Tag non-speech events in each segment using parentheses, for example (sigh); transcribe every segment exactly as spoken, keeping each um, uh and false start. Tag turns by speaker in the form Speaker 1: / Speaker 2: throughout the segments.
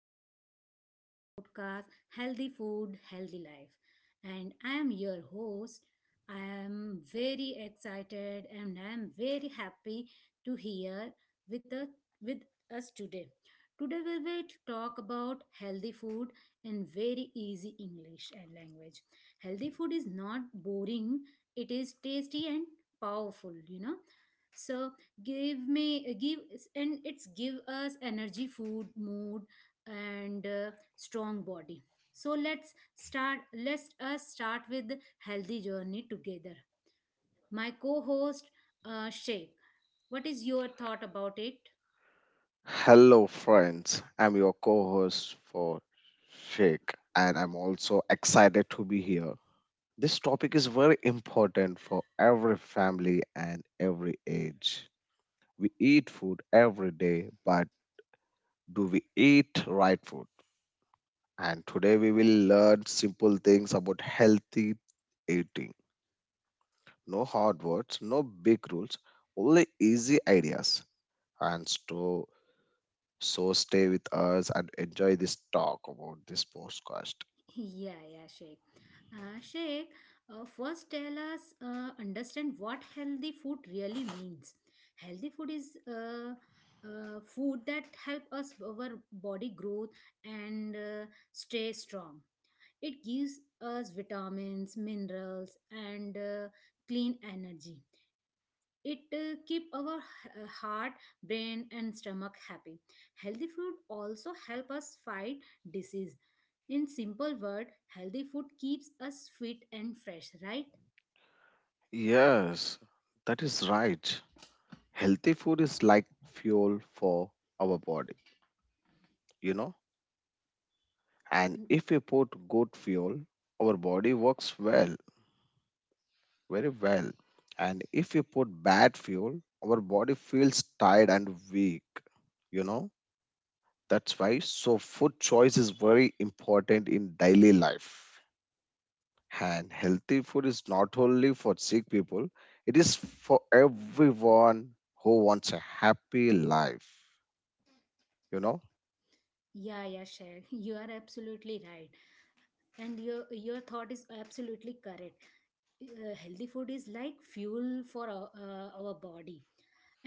Speaker 1: welcome back to our podcast Healthy Food, Healthy Life. And I am your host. I am very excited and I am very happy to hear with, a, with us today. Today, we will talk about healthy food in very easy English and language. Healthy food is not boring, it is tasty and powerful, you know. So, give me give and it's give us energy food mood and uh, strong body. So let's start let us start with the healthy journey together, my co-host, uh, Sheikh. What is your thought about it?
Speaker 2: Hello, friends. I'm your co host for Shake, and I'm also excited to be here. This topic is very important for every family and every age. We eat food every day, but do we eat right food? And today we will learn simple things about healthy eating. No hard words, no big rules, only easy ideas. And so So stay with us and enjoy this talk about this podcast.
Speaker 1: Yeah, yeah, Sheikh. Uh, Sheikh, uh, first tell us uh, understand what healthy food really means. Healthy food is uh, uh, food that help us our body growth and uh, stay strong. It gives us vitamins, minerals, and uh, clean energy. It uh, keep our h- uh, heart, brain and stomach happy. Healthy food also help us fight disease. In simple word, healthy food keeps us fit and fresh, right?
Speaker 2: Yes, that is right. Healthy food is like fuel for our body, you know. And if we put good fuel, our body works well, very well. And if we put bad fuel, our body feels tired and weak, you know. That's why so food choice is very important in daily life. And healthy food is not only for sick people, it is for everyone who wants a happy life, you know?
Speaker 1: Yeah, yeah, Shay, (laughs) you are absolutely right, and your your thought is absolutely correct. Uh, healthy food is like fuel for our, uh, our body.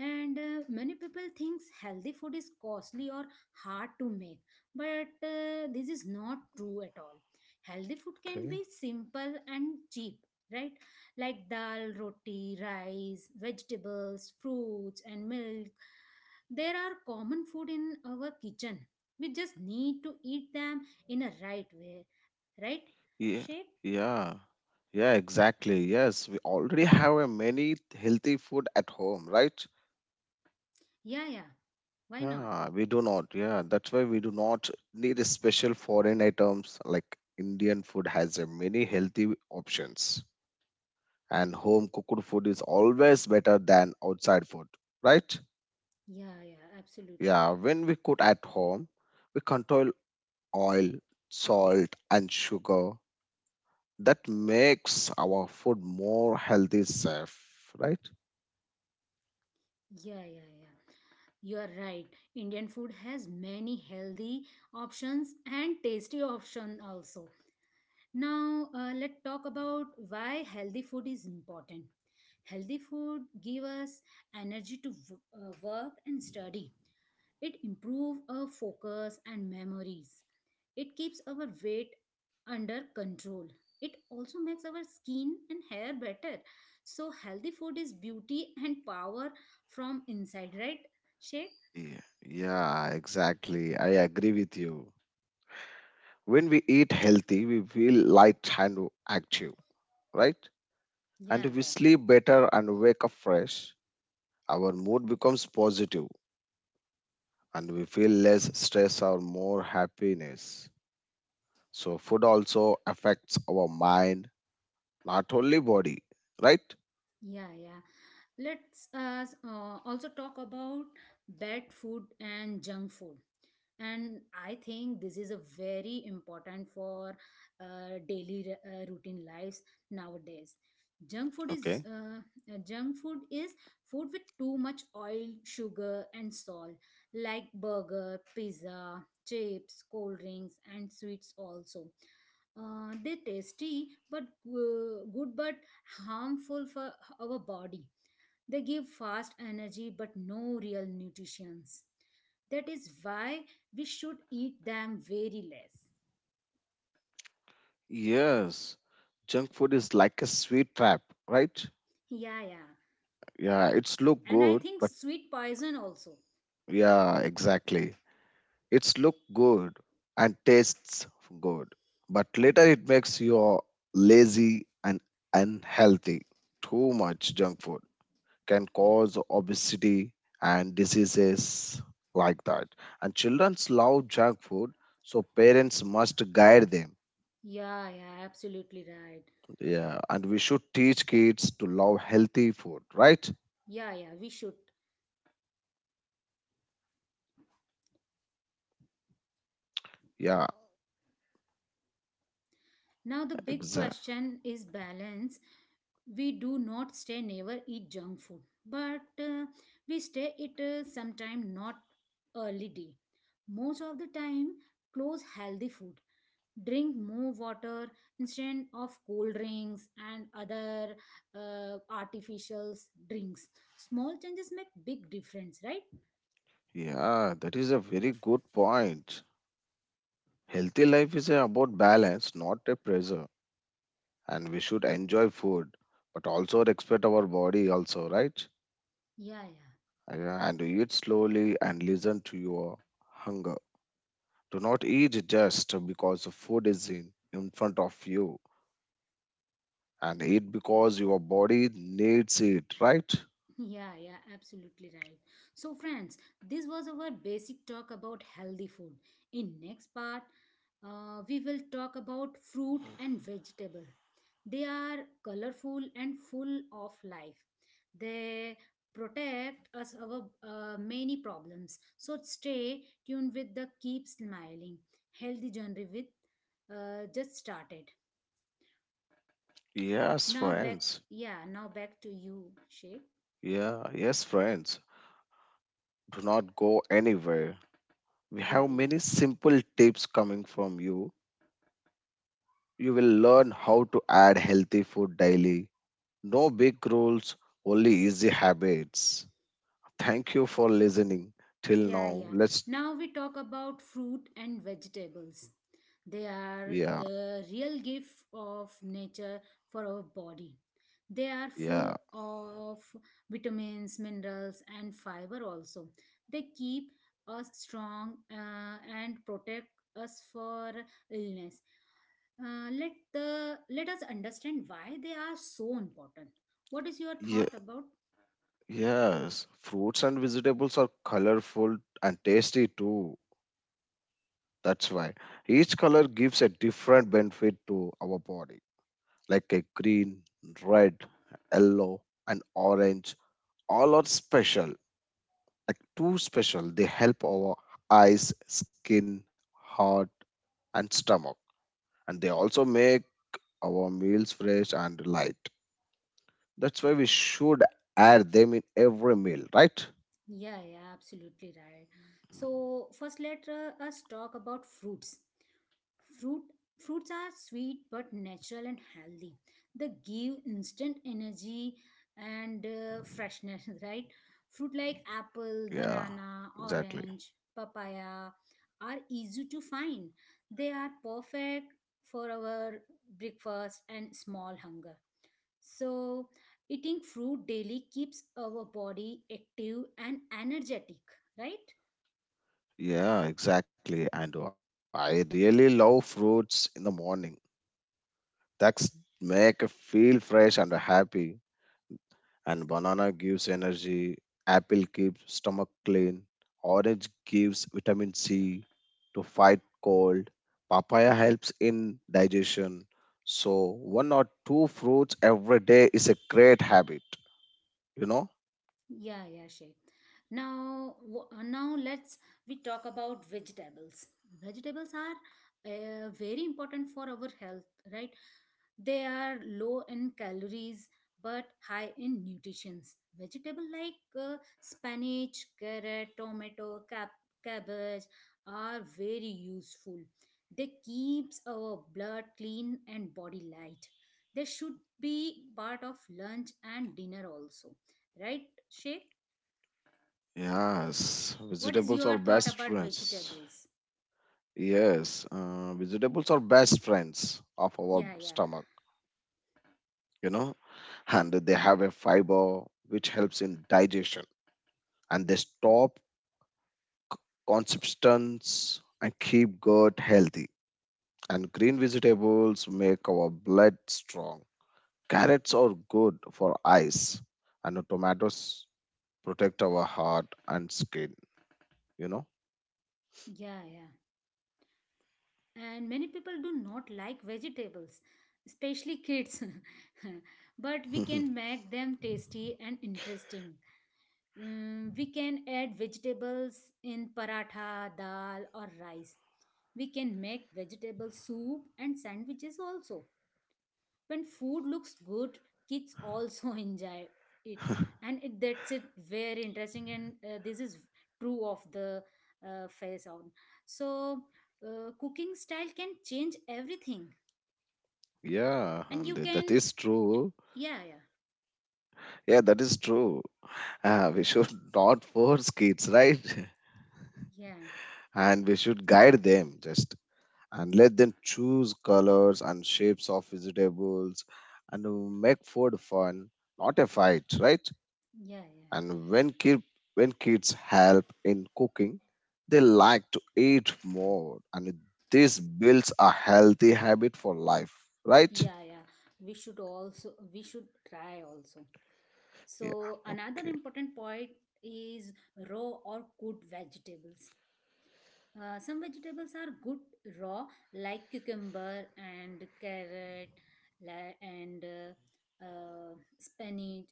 Speaker 1: And uh, many people thinks healthy food is costly or hard to make, but uh, this is not true at all. Healthy food can
Speaker 2: Okay.
Speaker 1: be simple and cheap, right? Like dal, roti, rice, vegetables, fruits and milk. There are common food in our kitchen. We just need to eat them in a right way, right,
Speaker 2: Yeah.
Speaker 1: shape?
Speaker 2: Yeah. Yeah, exactly. Yes, we already have a many healthy food at home, right?
Speaker 1: Yeah, yeah, why not?
Speaker 2: Yeah, we do not. Yeah, that's why we do not need a special foreign items like Indian food has a many healthy options, and home cooked food is always better than outside food, right?
Speaker 1: Yeah, yeah, absolutely.
Speaker 2: Yeah, when we cook at home, we control oil, salt, and sugar. That makes our food more healthy, safe, right?
Speaker 1: Yeah, yeah, yeah. You are right. Indian food has many healthy options and tasty options also. Now, uh, let's talk about why healthy food is important. Healthy food give us energy to w- uh, work and study. It improve our focus and memories. It keeps our weight under control. It also makes our skin and hair better. So, healthy food is beauty and power from inside, right, Shake?
Speaker 2: Yeah, yeah, exactly. I agree with you. When we eat healthy, we feel light and active, right? And
Speaker 1: Yeah,
Speaker 2: we
Speaker 1: yeah,
Speaker 2: sleep better and wake up fresh. Our mood becomes positive and we feel less stress or more happiness. So food also affects our mind not only body, right?
Speaker 1: yeah, yeah. Let's us uh, also talk about bad food and junk food. And I think this is a very important for uh, daily uh, routine lives nowadays. Junk food is
Speaker 2: Okay.
Speaker 1: uh, uh, Junk food is food with too much oil, sugar, and salt, like burger, pizza, chips, cold drinks, and sweets also. Uh, they tasty but uh, good but harmful for our body. They give fast energy but no real nutrients. That is why we should eat them very less.
Speaker 2: Yes, junk food is like a sweet trap, right?
Speaker 1: Yeah, yeah.
Speaker 2: Yeah, it's look
Speaker 1: And I
Speaker 2: good,
Speaker 1: think
Speaker 2: but
Speaker 1: sweet poison also.
Speaker 2: yeah, exactly. It's look good and tastes good, but later it makes you lazy and unhealthy. Too much junk food can cause obesity and diseases like that. And children love junk food, so parents must guide them.
Speaker 1: Yeah, yeah, absolutely right.
Speaker 2: Yeah, and we should teach kids to love healthy food, right?
Speaker 1: Yeah, yeah, we should.
Speaker 2: Yeah,
Speaker 1: Now, the big
Speaker 2: exactly.
Speaker 1: question is balance. We do not stay never eat junk food, but uh, we stay it uh, sometime not early day. Most of the time, close healthy food. Drink more water instead of cold drinks and other uh, artificial drinks. Small changes make big difference, right?
Speaker 2: Yeah, that is a very good point. Healthy life is about balance, not a pressure. And we should enjoy food, but also respect our body also, right?
Speaker 1: Yeah, yeah.
Speaker 2: Yeah, and eat slowly and listen to your hunger. Do not eat just because the food is in, in front of you. And eat because your body needs it, right?
Speaker 1: Yeah, yeah, absolutely right. So, friends, this was our basic talk about healthy food. In next part, uh, we will talk about fruit and vegetable. They are colorful and full of life. They protect us our uh, many problems. So stay tuned with the keep smiling. Healthy journey with uh, just started.
Speaker 2: Yes,
Speaker 1: Now back,
Speaker 2: friends.
Speaker 1: yeah, now back to you, Sheikh.
Speaker 2: Yeah, yes, friends. Do not go anywhere. We
Speaker 1: Yeah,
Speaker 2: have
Speaker 1: yeah.
Speaker 2: many simple tips coming from you. You will learn how to add healthy food daily. No big rules, only easy habits. Thank you for listening till
Speaker 1: Yeah,
Speaker 2: now.
Speaker 1: yeah.
Speaker 2: Let's,
Speaker 1: Now we talk about fruit and vegetables. They are
Speaker 2: yeah,
Speaker 1: the real gift of nature for our body. They are full
Speaker 2: yeah,
Speaker 1: of vitamins, minerals, and fiber also. They keep us strong uh, and protect us for illness. Uh, let the let us understand why they are so important. What is your
Speaker 2: yeah,
Speaker 1: thought about?
Speaker 2: yes. Fruits and vegetables are colorful and tasty too. That's why each color gives a different benefit to our body, like a green, red, yellow, and orange. All are special, like too special. They help our eyes, skin, heart, and stomach. And they also make our meals fresh and light. That's why we should add them in every meal, right?
Speaker 1: Yeah, yeah, absolutely right. So first, let uh, us talk about fruits. Fruit Fruits are sweet but natural and healthy. They give instant energy and uh, freshness, (laughs) right? Fruit like apple,
Speaker 2: Yeah,
Speaker 1: banana,
Speaker 2: exactly.
Speaker 1: orange, papaya are easy to find. They are perfect for our breakfast and small hunger. So, eating fruit daily keeps our body active and energetic, right?
Speaker 2: Yeah, exactly. And I really love fruits in the morning. That's make I feel fresh and happy, and banana gives energy, apple keeps stomach clean, orange gives vitamin C to fight cold, papaya helps in digestion. So one or two fruits every day is a great habit, you know?
Speaker 1: Yeah, yeah, Shay. Now, w- uh, now let's we talk about vegetables. Vegetables are uh, very important for our health, right? They are low in calories but high in nutrients. Vegetable like uh, spinach, carrot, tomato, cap- cabbage are very useful. They keeps our blood clean and body light. They should be part of lunch and dinner also. Right, Shay?
Speaker 2: Yes,
Speaker 1: What is
Speaker 2: vegetables
Speaker 1: your
Speaker 2: are
Speaker 1: thought
Speaker 2: best
Speaker 1: about
Speaker 2: friends.
Speaker 1: vegetables?
Speaker 2: Yes, uh, vegetables are best friends of our
Speaker 1: Yeah, yeah.
Speaker 2: stomach, you know, and they have a fiber which helps in digestion, and they stop consistence and keep gut healthy. And green vegetables make our blood strong. Carrots are good for eyes, and tomatoes protect our heart and skin. You know.
Speaker 1: Yeah, yeah. And many people do not like vegetables, especially kids, (laughs) but we can make them tasty and interesting. Mm, we can add vegetables in paratha, dal or rice. We can make vegetable soup and sandwiches also. When food looks good, kids also (laughs) enjoy it. And it, that's it very interesting, and uh, this is true of the uh, face on. So uh, cooking style can change everything.
Speaker 2: (laughs) Yeah,
Speaker 1: And
Speaker 2: and
Speaker 1: you
Speaker 2: that
Speaker 1: can
Speaker 2: is true.
Speaker 1: yeah yeah
Speaker 2: Yeah, that is true. Uh, we should (laughs) not force kids, right? (laughs)
Speaker 1: Yeah,
Speaker 2: And we should guide them. Just and let them choose colors and shapes of vegetables, and uh, make food fun, not a fight, right?
Speaker 1: yeah. Yeah,
Speaker 2: And when kid, when kids help in cooking, they like to eat more, and this builds a healthy habit for life, right?
Speaker 1: yeah. Yeah, we should also, we should try also.
Speaker 2: Yeah,
Speaker 1: So another
Speaker 2: okay.
Speaker 1: important point is raw or cooked vegetables. Uh, some vegetables are good raw, like cucumber and carrot, la- and uh, uh, spinach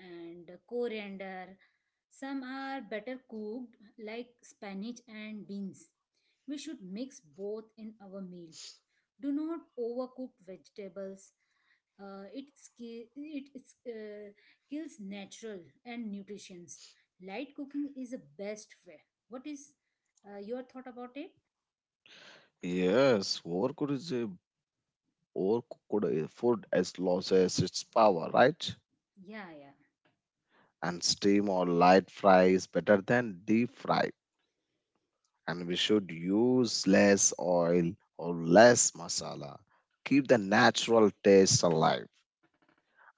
Speaker 1: and coriander. Some are better cooked, like spinach and beans. We should mix both in our meal. Do not overcook vegetables. Uh, it ki- it is, uh, kills natural and nutrients. Light cooking is the best way. What is uh, your thought about it?
Speaker 2: Yes, overcooked is a overcooked uh, food as loses its power, right?
Speaker 1: Yeah, yeah.
Speaker 2: And steam or light fry is better than deep fry, and we should use less oil or less masala. Keep the natural taste alive,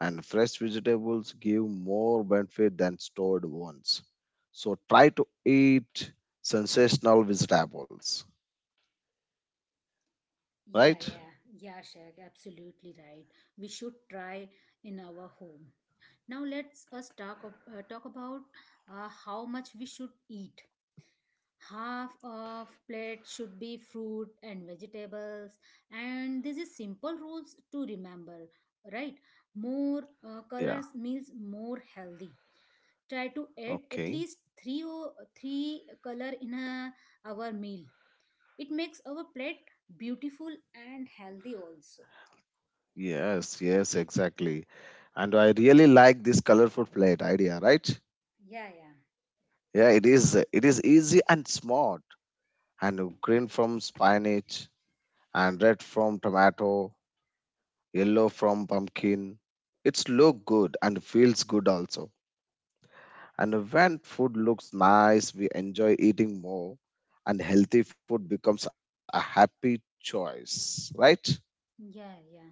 Speaker 2: and fresh vegetables give more benefit than stored ones. So try to eat sensational vegetables,
Speaker 1: Yeah,
Speaker 2: right?
Speaker 1: yeah. Yeah, Shag, absolutely right. We should try in our home. Now let's us talk ab- uh, talk about uh, how much we should eat. Half of plate should be fruit and vegetables, and this is simple rules to remember, right? More uh,
Speaker 2: Yeah,
Speaker 1: colors means more healthy. Try to add
Speaker 2: okay.
Speaker 1: at least 3 or 3 color in a our meal. It makes our plate beautiful and healthy also.
Speaker 2: Yes, yes, exactly. And I really like this colorful plate idea, right?
Speaker 1: Yeah, yeah.
Speaker 2: Yeah, it is, it is easy and smart, and green from spinach and red from tomato, yellow from pumpkin. It's look good and feels good also. And when food looks nice, we enjoy eating more, and healthy food becomes a happy choice, right?
Speaker 1: Yeah, yeah.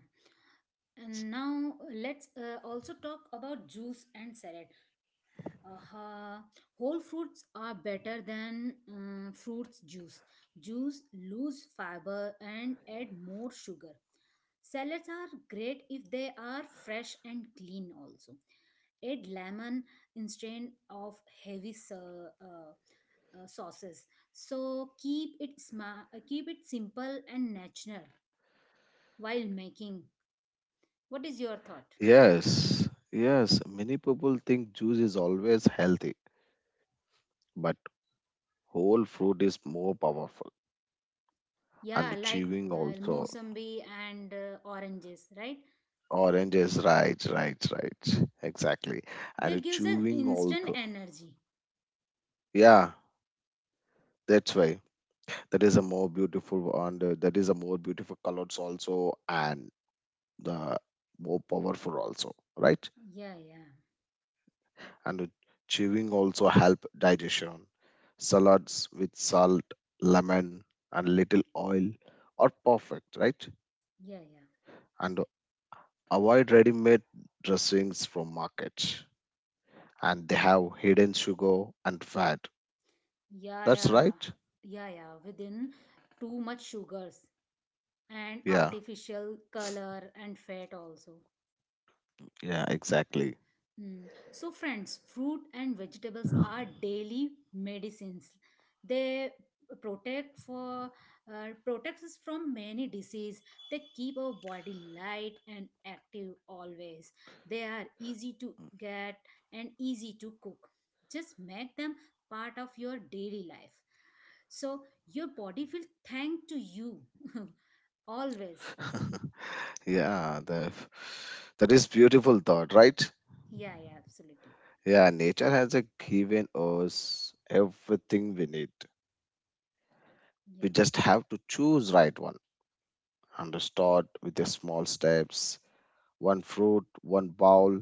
Speaker 1: And now uh, let's uh, also talk about juice and salad. Uh, Whole fruits are better than um, fruits juice. Juice lose fiber and add more sugar. Salads are great if they are fresh and clean also. Add lemon instead of heavy sa- uh, uh, sauces. So keep it sma- uh, keep it simple and natural while making. What is your thought?
Speaker 2: Yes, yes. Many people think juice is always healthy, but whole fruit is more powerful
Speaker 1: Yeah,
Speaker 2: and
Speaker 1: like
Speaker 2: chewing
Speaker 1: uh,
Speaker 2: also.
Speaker 1: Mosambi and uh, oranges, right?
Speaker 2: Orange is right, right, right. Exactly.
Speaker 1: They
Speaker 2: And
Speaker 1: gives an
Speaker 2: chewing
Speaker 1: instant
Speaker 2: also.
Speaker 1: energy.
Speaker 2: Yeah, that's why. That is a more beautiful, and uh, that is a more beautiful colors also, and the more powerful also, right?
Speaker 1: Yeah, yeah,
Speaker 2: And chewing also help digestion. Salads with salt, lemon, and little oil are perfect, right?
Speaker 1: yeah, yeah,
Speaker 2: And avoid ready made dressings from market, and they have hidden sugar and fat.
Speaker 1: yeah,
Speaker 2: That's
Speaker 1: yeah,
Speaker 2: right.
Speaker 1: yeah, yeah. Within too much sugars and
Speaker 2: Yeah,
Speaker 1: artificial color and fat also.
Speaker 2: yeah, exactly.
Speaker 1: Mm. So, friends, fruit and vegetables are daily medicines. They protect for uh, protects us from many disease. They keep our body light and active always. They are easy to get and easy to cook. Just make them part of your daily life. So your body will thank to you (laughs) always.
Speaker 2: (laughs) Yeah, the that is beautiful thought, right?
Speaker 1: Yeah, yeah, absolutely.
Speaker 2: Yeah, nature has a given us everything we need. We
Speaker 1: Yeah.
Speaker 2: just have to choose right one and start with the small steps, one fruit, one bowl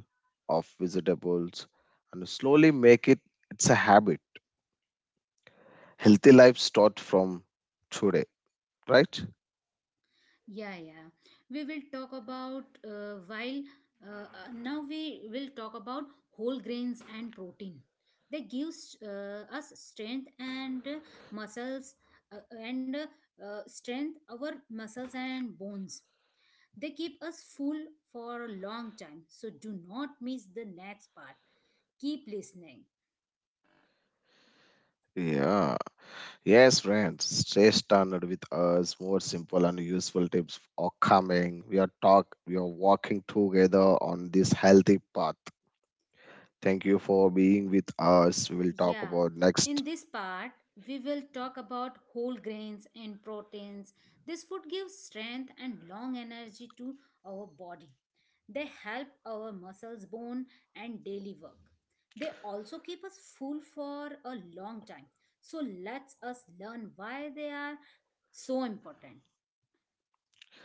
Speaker 2: of vegetables, and slowly make it it's a habit. Healthy life start from today, right?
Speaker 1: Yeah, yeah. We will talk about uh, while uh, uh, now we will talk about whole grains and protein. They gives uh, us strength and uh, muscles uh, and uh, uh, strength our muscles and bones. They keep us full for a long time. So do not miss the next part. Keep listening.
Speaker 2: Yeah. Yes, friends. Stay standard with us. More simple and useful tips are coming. We are talk we are walking together on this healthy path. Thank you for being with us. We will talk
Speaker 1: Yeah,
Speaker 2: about next.
Speaker 1: in this part, we will talk about whole grains and proteins. This food gives strength and long energy to our body. They help our muscles, bone, and daily work. They also keep us full for a long time. So let us us learn why they are so important.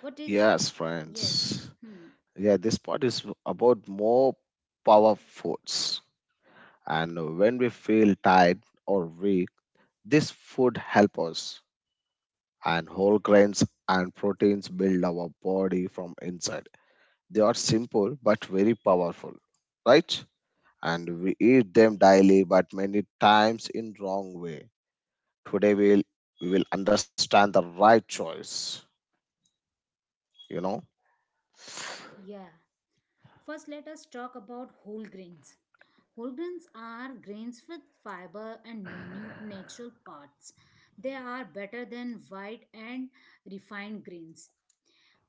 Speaker 1: What is
Speaker 2: Yes,
Speaker 1: yes?
Speaker 2: friends.
Speaker 1: Hmm.
Speaker 2: Yeah, this part is about more power foods. And when we feel tired or weak, this food help us. And whole grains and proteins build our body from inside. They are simple but very powerful, right? And we eat them daily, but many times in wrong way. Today we'll, we will understand the right choice. You know.
Speaker 1: Yeah. First, let us talk about whole grains. Whole grains are grains with fiber and nu- natural parts. They are better than white and refined grains.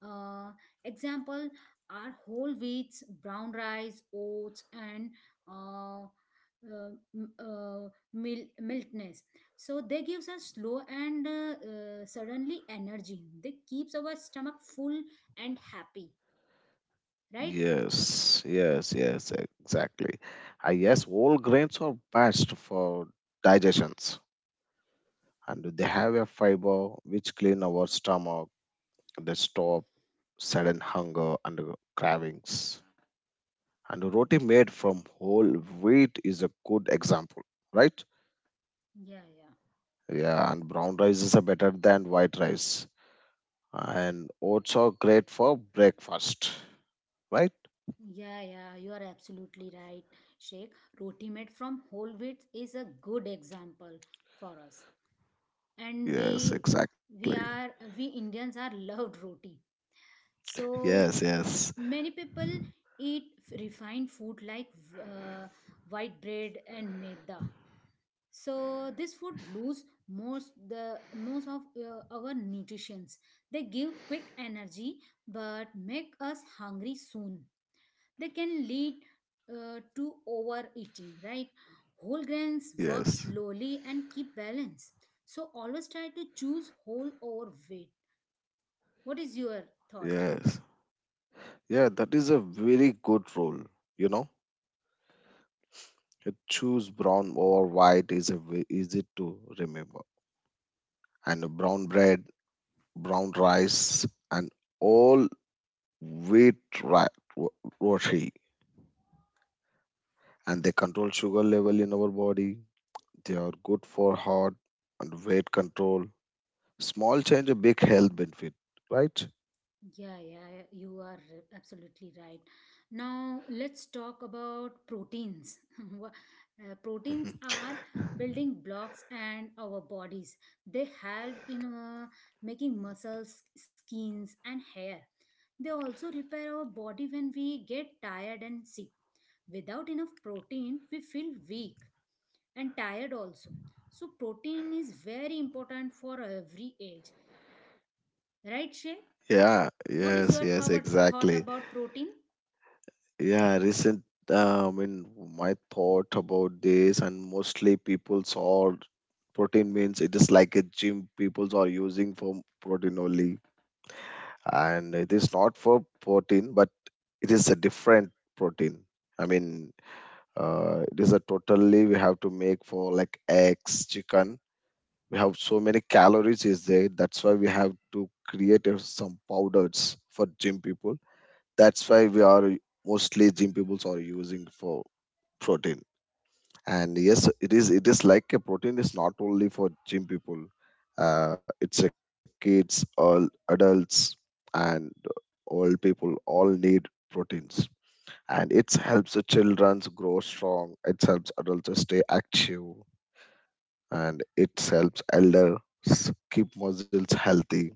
Speaker 1: Uh, Example are whole wheats, brown rice, oats, and uh, uh, m- uh, mil- miltness. So they gives us slow and uh, uh, suddenly energy. They keeps our stomach full and happy, right?
Speaker 2: Yes, yes, yes, exactly. I guess whole grains are best for digestions, and they have a fiber which clean our stomach. They stop sudden hunger and cravings. And roti made from whole wheat is a good example, right?
Speaker 1: Yeah, yeah.
Speaker 2: Yeah, and brown rice is a better than white rice. And oats are great for breakfast, right?
Speaker 1: Yeah, yeah, you are absolutely right, Sheikh. Roti made from whole wheat is a good example for us. And
Speaker 2: Yes,
Speaker 1: we
Speaker 2: exactly.
Speaker 1: we are we Indians are loved roti.
Speaker 2: Yes,
Speaker 1: So
Speaker 2: yes,
Speaker 1: many people eat f- refined food like uh, white bread and maida. So this food lose most the most of uh, our nutrients. They give quick energy but make us hungry soon. They can lead uh, to overeating, right? Whole grains work
Speaker 2: yes.
Speaker 1: slowly and keep balance. So always try to choose whole over weight. What is your thought?
Speaker 2: Yes. Yeah, that is a very good rule. You know, Uh, choose brown or white is a ve- easy to remember. And brown bread, brown rice, and all wheat ri- ro- roti, and they control sugar level in our body. They are good for heart and weight control. Small change, a big health benefit, right?
Speaker 1: Yeah, yeah, you are absolutely right. Now, let's talk about proteins. (laughs) Wha- uh, proteins
Speaker 2: (laughs)
Speaker 1: are building blocks and our bodies. They help in uh, making muscles, skins, and hair. They also repair our body when we get tired and sick. Without enough protein, we feel weak and tired also. So, protein is very important for every age, right, Shay?
Speaker 2: Yeah.
Speaker 1: What is
Speaker 2: Yes.
Speaker 1: your
Speaker 2: Yes.
Speaker 1: thought thought
Speaker 2: Exactly.
Speaker 1: about protein?
Speaker 2: Yeah, recent. Uh, I mean, my thought about this, and mostly people's all protein means it is like a gym. People's are using for protein only, and it is not for protein, but it is a different protein. I mean, uh, it is a totally we have to make for like eggs, chicken. We have so many calories is there. That's why we have to create uh, some powders for gym people. That's why we are mostly gym people are using for protein, and yes, it is, it is like a protein is not only for gym people. Uh, it's a kids, all adults, and old people all need proteins, and it helps the children grow strong. It helps adults stay active, and it helps elders keep muscles healthy.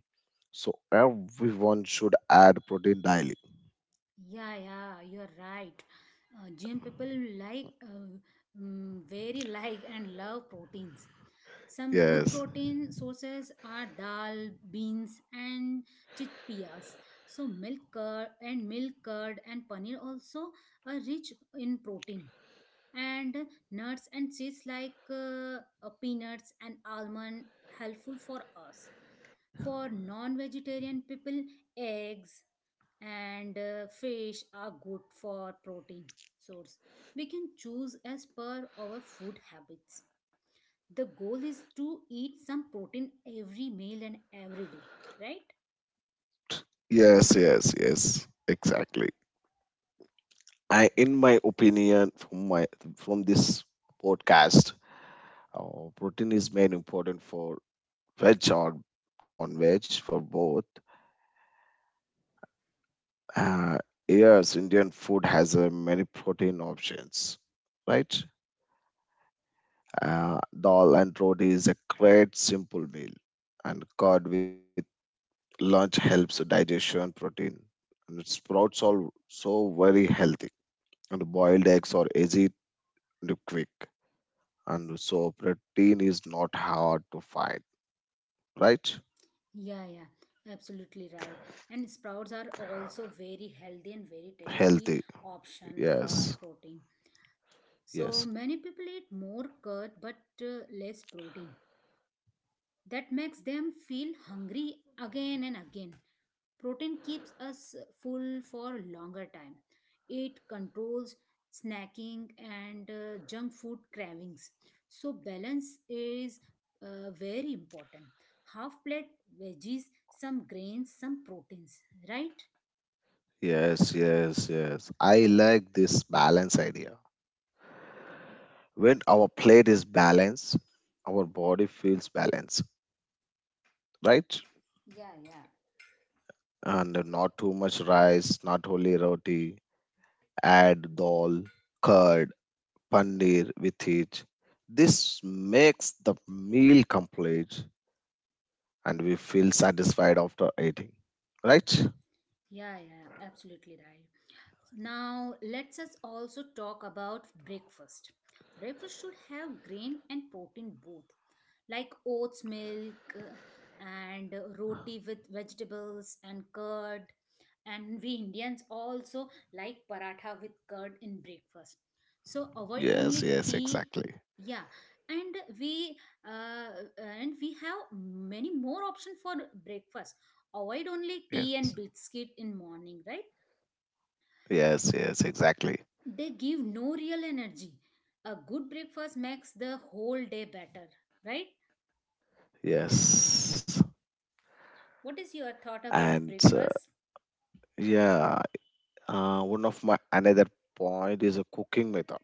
Speaker 2: So everyone should add protein daily.
Speaker 1: Yeah, yeah, you're right. Uh, gym people like uh, mm, very (laughs) like and love proteins. Some good
Speaker 2: Yes,
Speaker 1: protein sources are dal, beans, and chickpeas. So milk curd and milk curd and paneer also are rich in protein. And nuts and seeds like uh, uh, peanuts and almond helpful for us. For non-vegetarian people, eggs and uh, fish are good for protein source. We can choose as per our food habits. The goal is to eat some protein every meal and every day, right?
Speaker 2: yes, yes, yes, exactly. I, in my opinion, from my from this podcast, uh, protein is made important for veg or non-veg for both. Uh, yes, Indian food has uh, many protein options, right? Uh, dal and roti is a great simple meal, and curd with lunch helps digestion protein. And sprouts are so very healthy, and boiled eggs are easy and quick. And so protein is not hard to find, right?
Speaker 1: Yeah, yeah, absolutely right. And sprouts are also very healthy and very tasty
Speaker 2: Healthy.
Speaker 1: option for our
Speaker 2: Yes,
Speaker 1: protein. So
Speaker 2: yes,
Speaker 1: many people eat more curd but uh, less protein. That makes them feel hungry again and again. Protein keeps us full for longer time. It controls snacking and uh, junk food cravings. So balance is uh, very important. Half plate veggies, some grains, some proteins, right?
Speaker 2: yes, yes, yes, I like this balance idea. When our plate is balanced, our body feels balanced, right?
Speaker 1: Yeah, yeah.
Speaker 2: And not too much rice, not only roti. Add dal, curd, paneer with it. This makes the meal complete, and we feel satisfied after eating, right?
Speaker 1: Yeah, yeah, absolutely right. Now, let's us also talk about breakfast. Breakfast should have grain and protein both, like oats milk uh, and uh, roti with vegetables and curd. And we Indians also like paratha with curd in breakfast. So avoid
Speaker 2: Yes,
Speaker 1: only
Speaker 2: yes,
Speaker 1: tea.
Speaker 2: exactly.
Speaker 1: Yeah, and we uh, and we have many more option for breakfast. Avoid only tea
Speaker 2: Yes,
Speaker 1: and biscuit in morning, right?
Speaker 2: yes, yes, exactly.
Speaker 1: They give no real energy. A good breakfast makes the whole day better, right?
Speaker 2: Yes,
Speaker 1: What is your thought about
Speaker 2: and uh,
Speaker 1: breakfast?
Speaker 2: yeah, uh, one of my another point is a cooking method,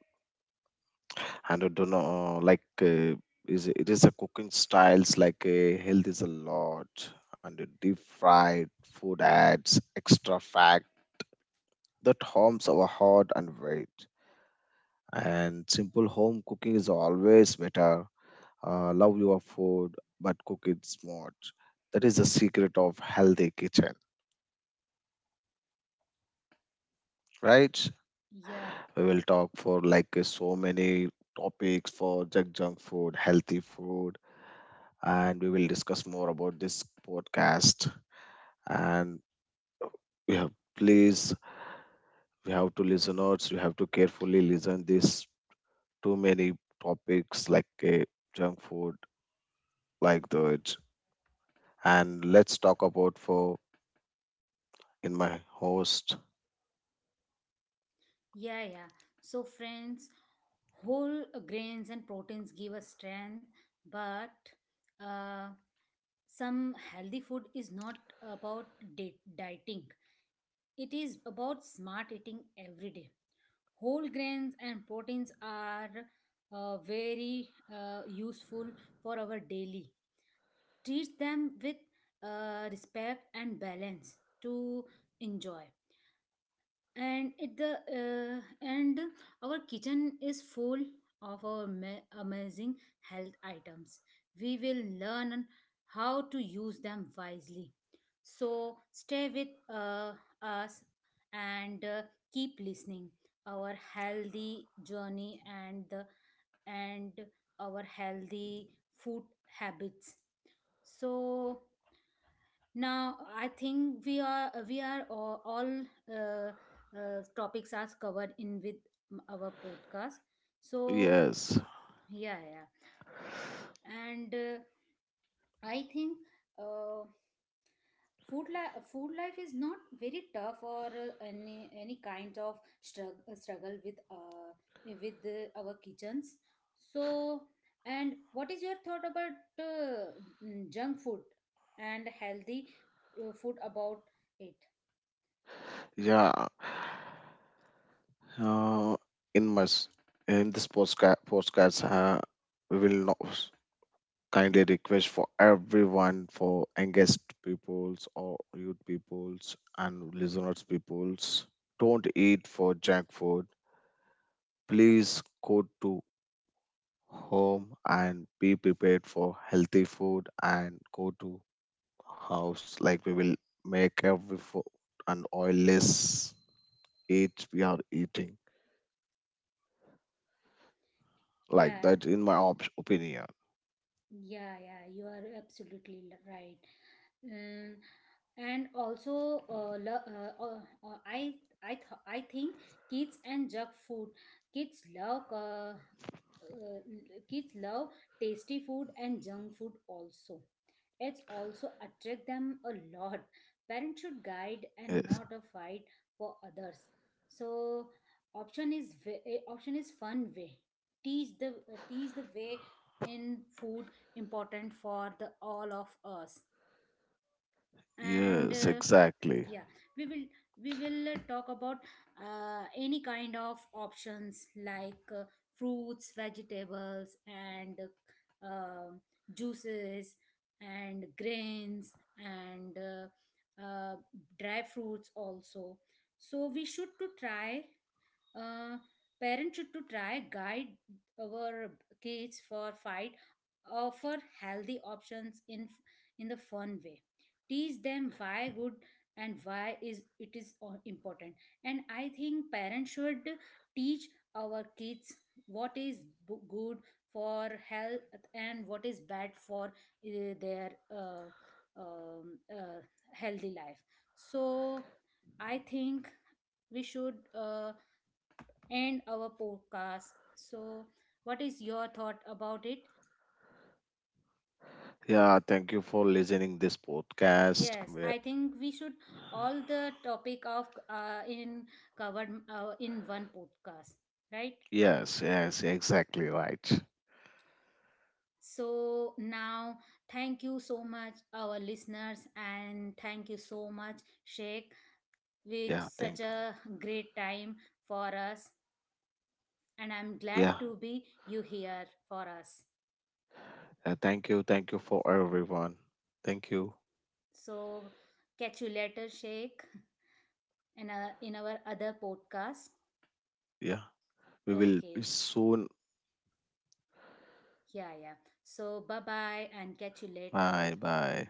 Speaker 2: and I don't know, uh, like uh, is it is a cooking styles like uh, health is a lot, and the deep fried food adds extra fat that harms our heart and weight. And simple home cooking is always better. Uh, love your food but cook it smart. That is the secret of healthy kitchen, right?
Speaker 1: Yeah,
Speaker 2: We will talk for like uh, so many topics for junk junk food, healthy food, and we will discuss more about this podcast. And we have, please, we have to listeners, you have to carefully listen this too many topics like uh, junk food, like that. And let's talk about for in my host.
Speaker 1: yeah, yeah. So, friends, whole grains and proteins give us strength, but uh, some healthy food is not about di- dieting. It is about smart eating every day. Whole grains and proteins are uh, very uh, useful for our daily. Treats them with uh, respect and balance to enjoy. And it the uh, and our kitchen is full of our ma- amazing health items. We will learn how to use them wisely. So stay with uh, us and uh, keep listening our healthy journey and the and our healthy food habits. So now I think we are uh, we are all, all uh, uh, topics are covered in with our podcast. So
Speaker 2: Yes.
Speaker 1: yeah, yeah. And uh, I think uh, food life food life is not very tough or uh, any any kind of struggle struggle with uh, with uh, our kitchens. So, and what is your thought about uh, mm, junk food and healthy uh, food about it?
Speaker 2: Yeah, uh, in my s- in this postcard postcards, uh, we will not s- kindly request for everyone for engaged peoples or youth peoples and listeners peoples, don't eat for junk food. Please go to home and be prepared for healthy food, and go to house like we will make every food and oilless eat we are eating, like
Speaker 1: Yeah,
Speaker 2: that in my op- opinion.
Speaker 1: yeah, yeah, you are absolutely l- right. Mm, and also, uh, lo- uh, uh, uh, I, I, th- I think kids and junk food. Kids love, uh, uh, kids love tasty food and junk food also. It's also attract them a lot. Parents should guide and
Speaker 2: Yes.
Speaker 1: not a fight for others. So, option is way, eh, option is fun way. Teach the uh, teach the way in food important for the all of us. And
Speaker 2: Yes,
Speaker 1: uh,
Speaker 2: exactly.
Speaker 1: yeah, we will we will uh, talk about uh, any kind of options like uh, fruits, vegetables, and uh, um, juices and grains and uh, uh, dry fruits also. So we should to try uh, parents should to try guide our kids for fight, offer healthy options in in the fun way. Teach them why good and why is it is o- important. And I think parents should teach our kids what is b- good for health and what is bad for uh, their uh, um, uh, healthy life. So I think we should uh, end our podcast. So, what is your thought about it?
Speaker 2: Yeah, thank you for listening this podcast.
Speaker 1: Yes,
Speaker 2: Where-
Speaker 1: I think we should all the topic of uh, in covered uh, in one podcast, right?
Speaker 2: Yes, yes, exactly right.
Speaker 1: So now, thank you so much, our listeners, and thank you so much, Sheikh,
Speaker 2: Yeah,
Speaker 1: which
Speaker 2: thank.
Speaker 1: such a great time for us, and I'm glad
Speaker 2: Yeah.
Speaker 1: to be you here for us.
Speaker 2: Uh, thank you, thank you for everyone. Thank you.
Speaker 1: So catch you later, Sheikh, in, a, in our other podcast.
Speaker 2: Yeah. We will be
Speaker 1: Okay.
Speaker 2: soon.
Speaker 1: Yeah, yeah. So bye bye and catch you
Speaker 2: Bye
Speaker 1: later.
Speaker 2: bye.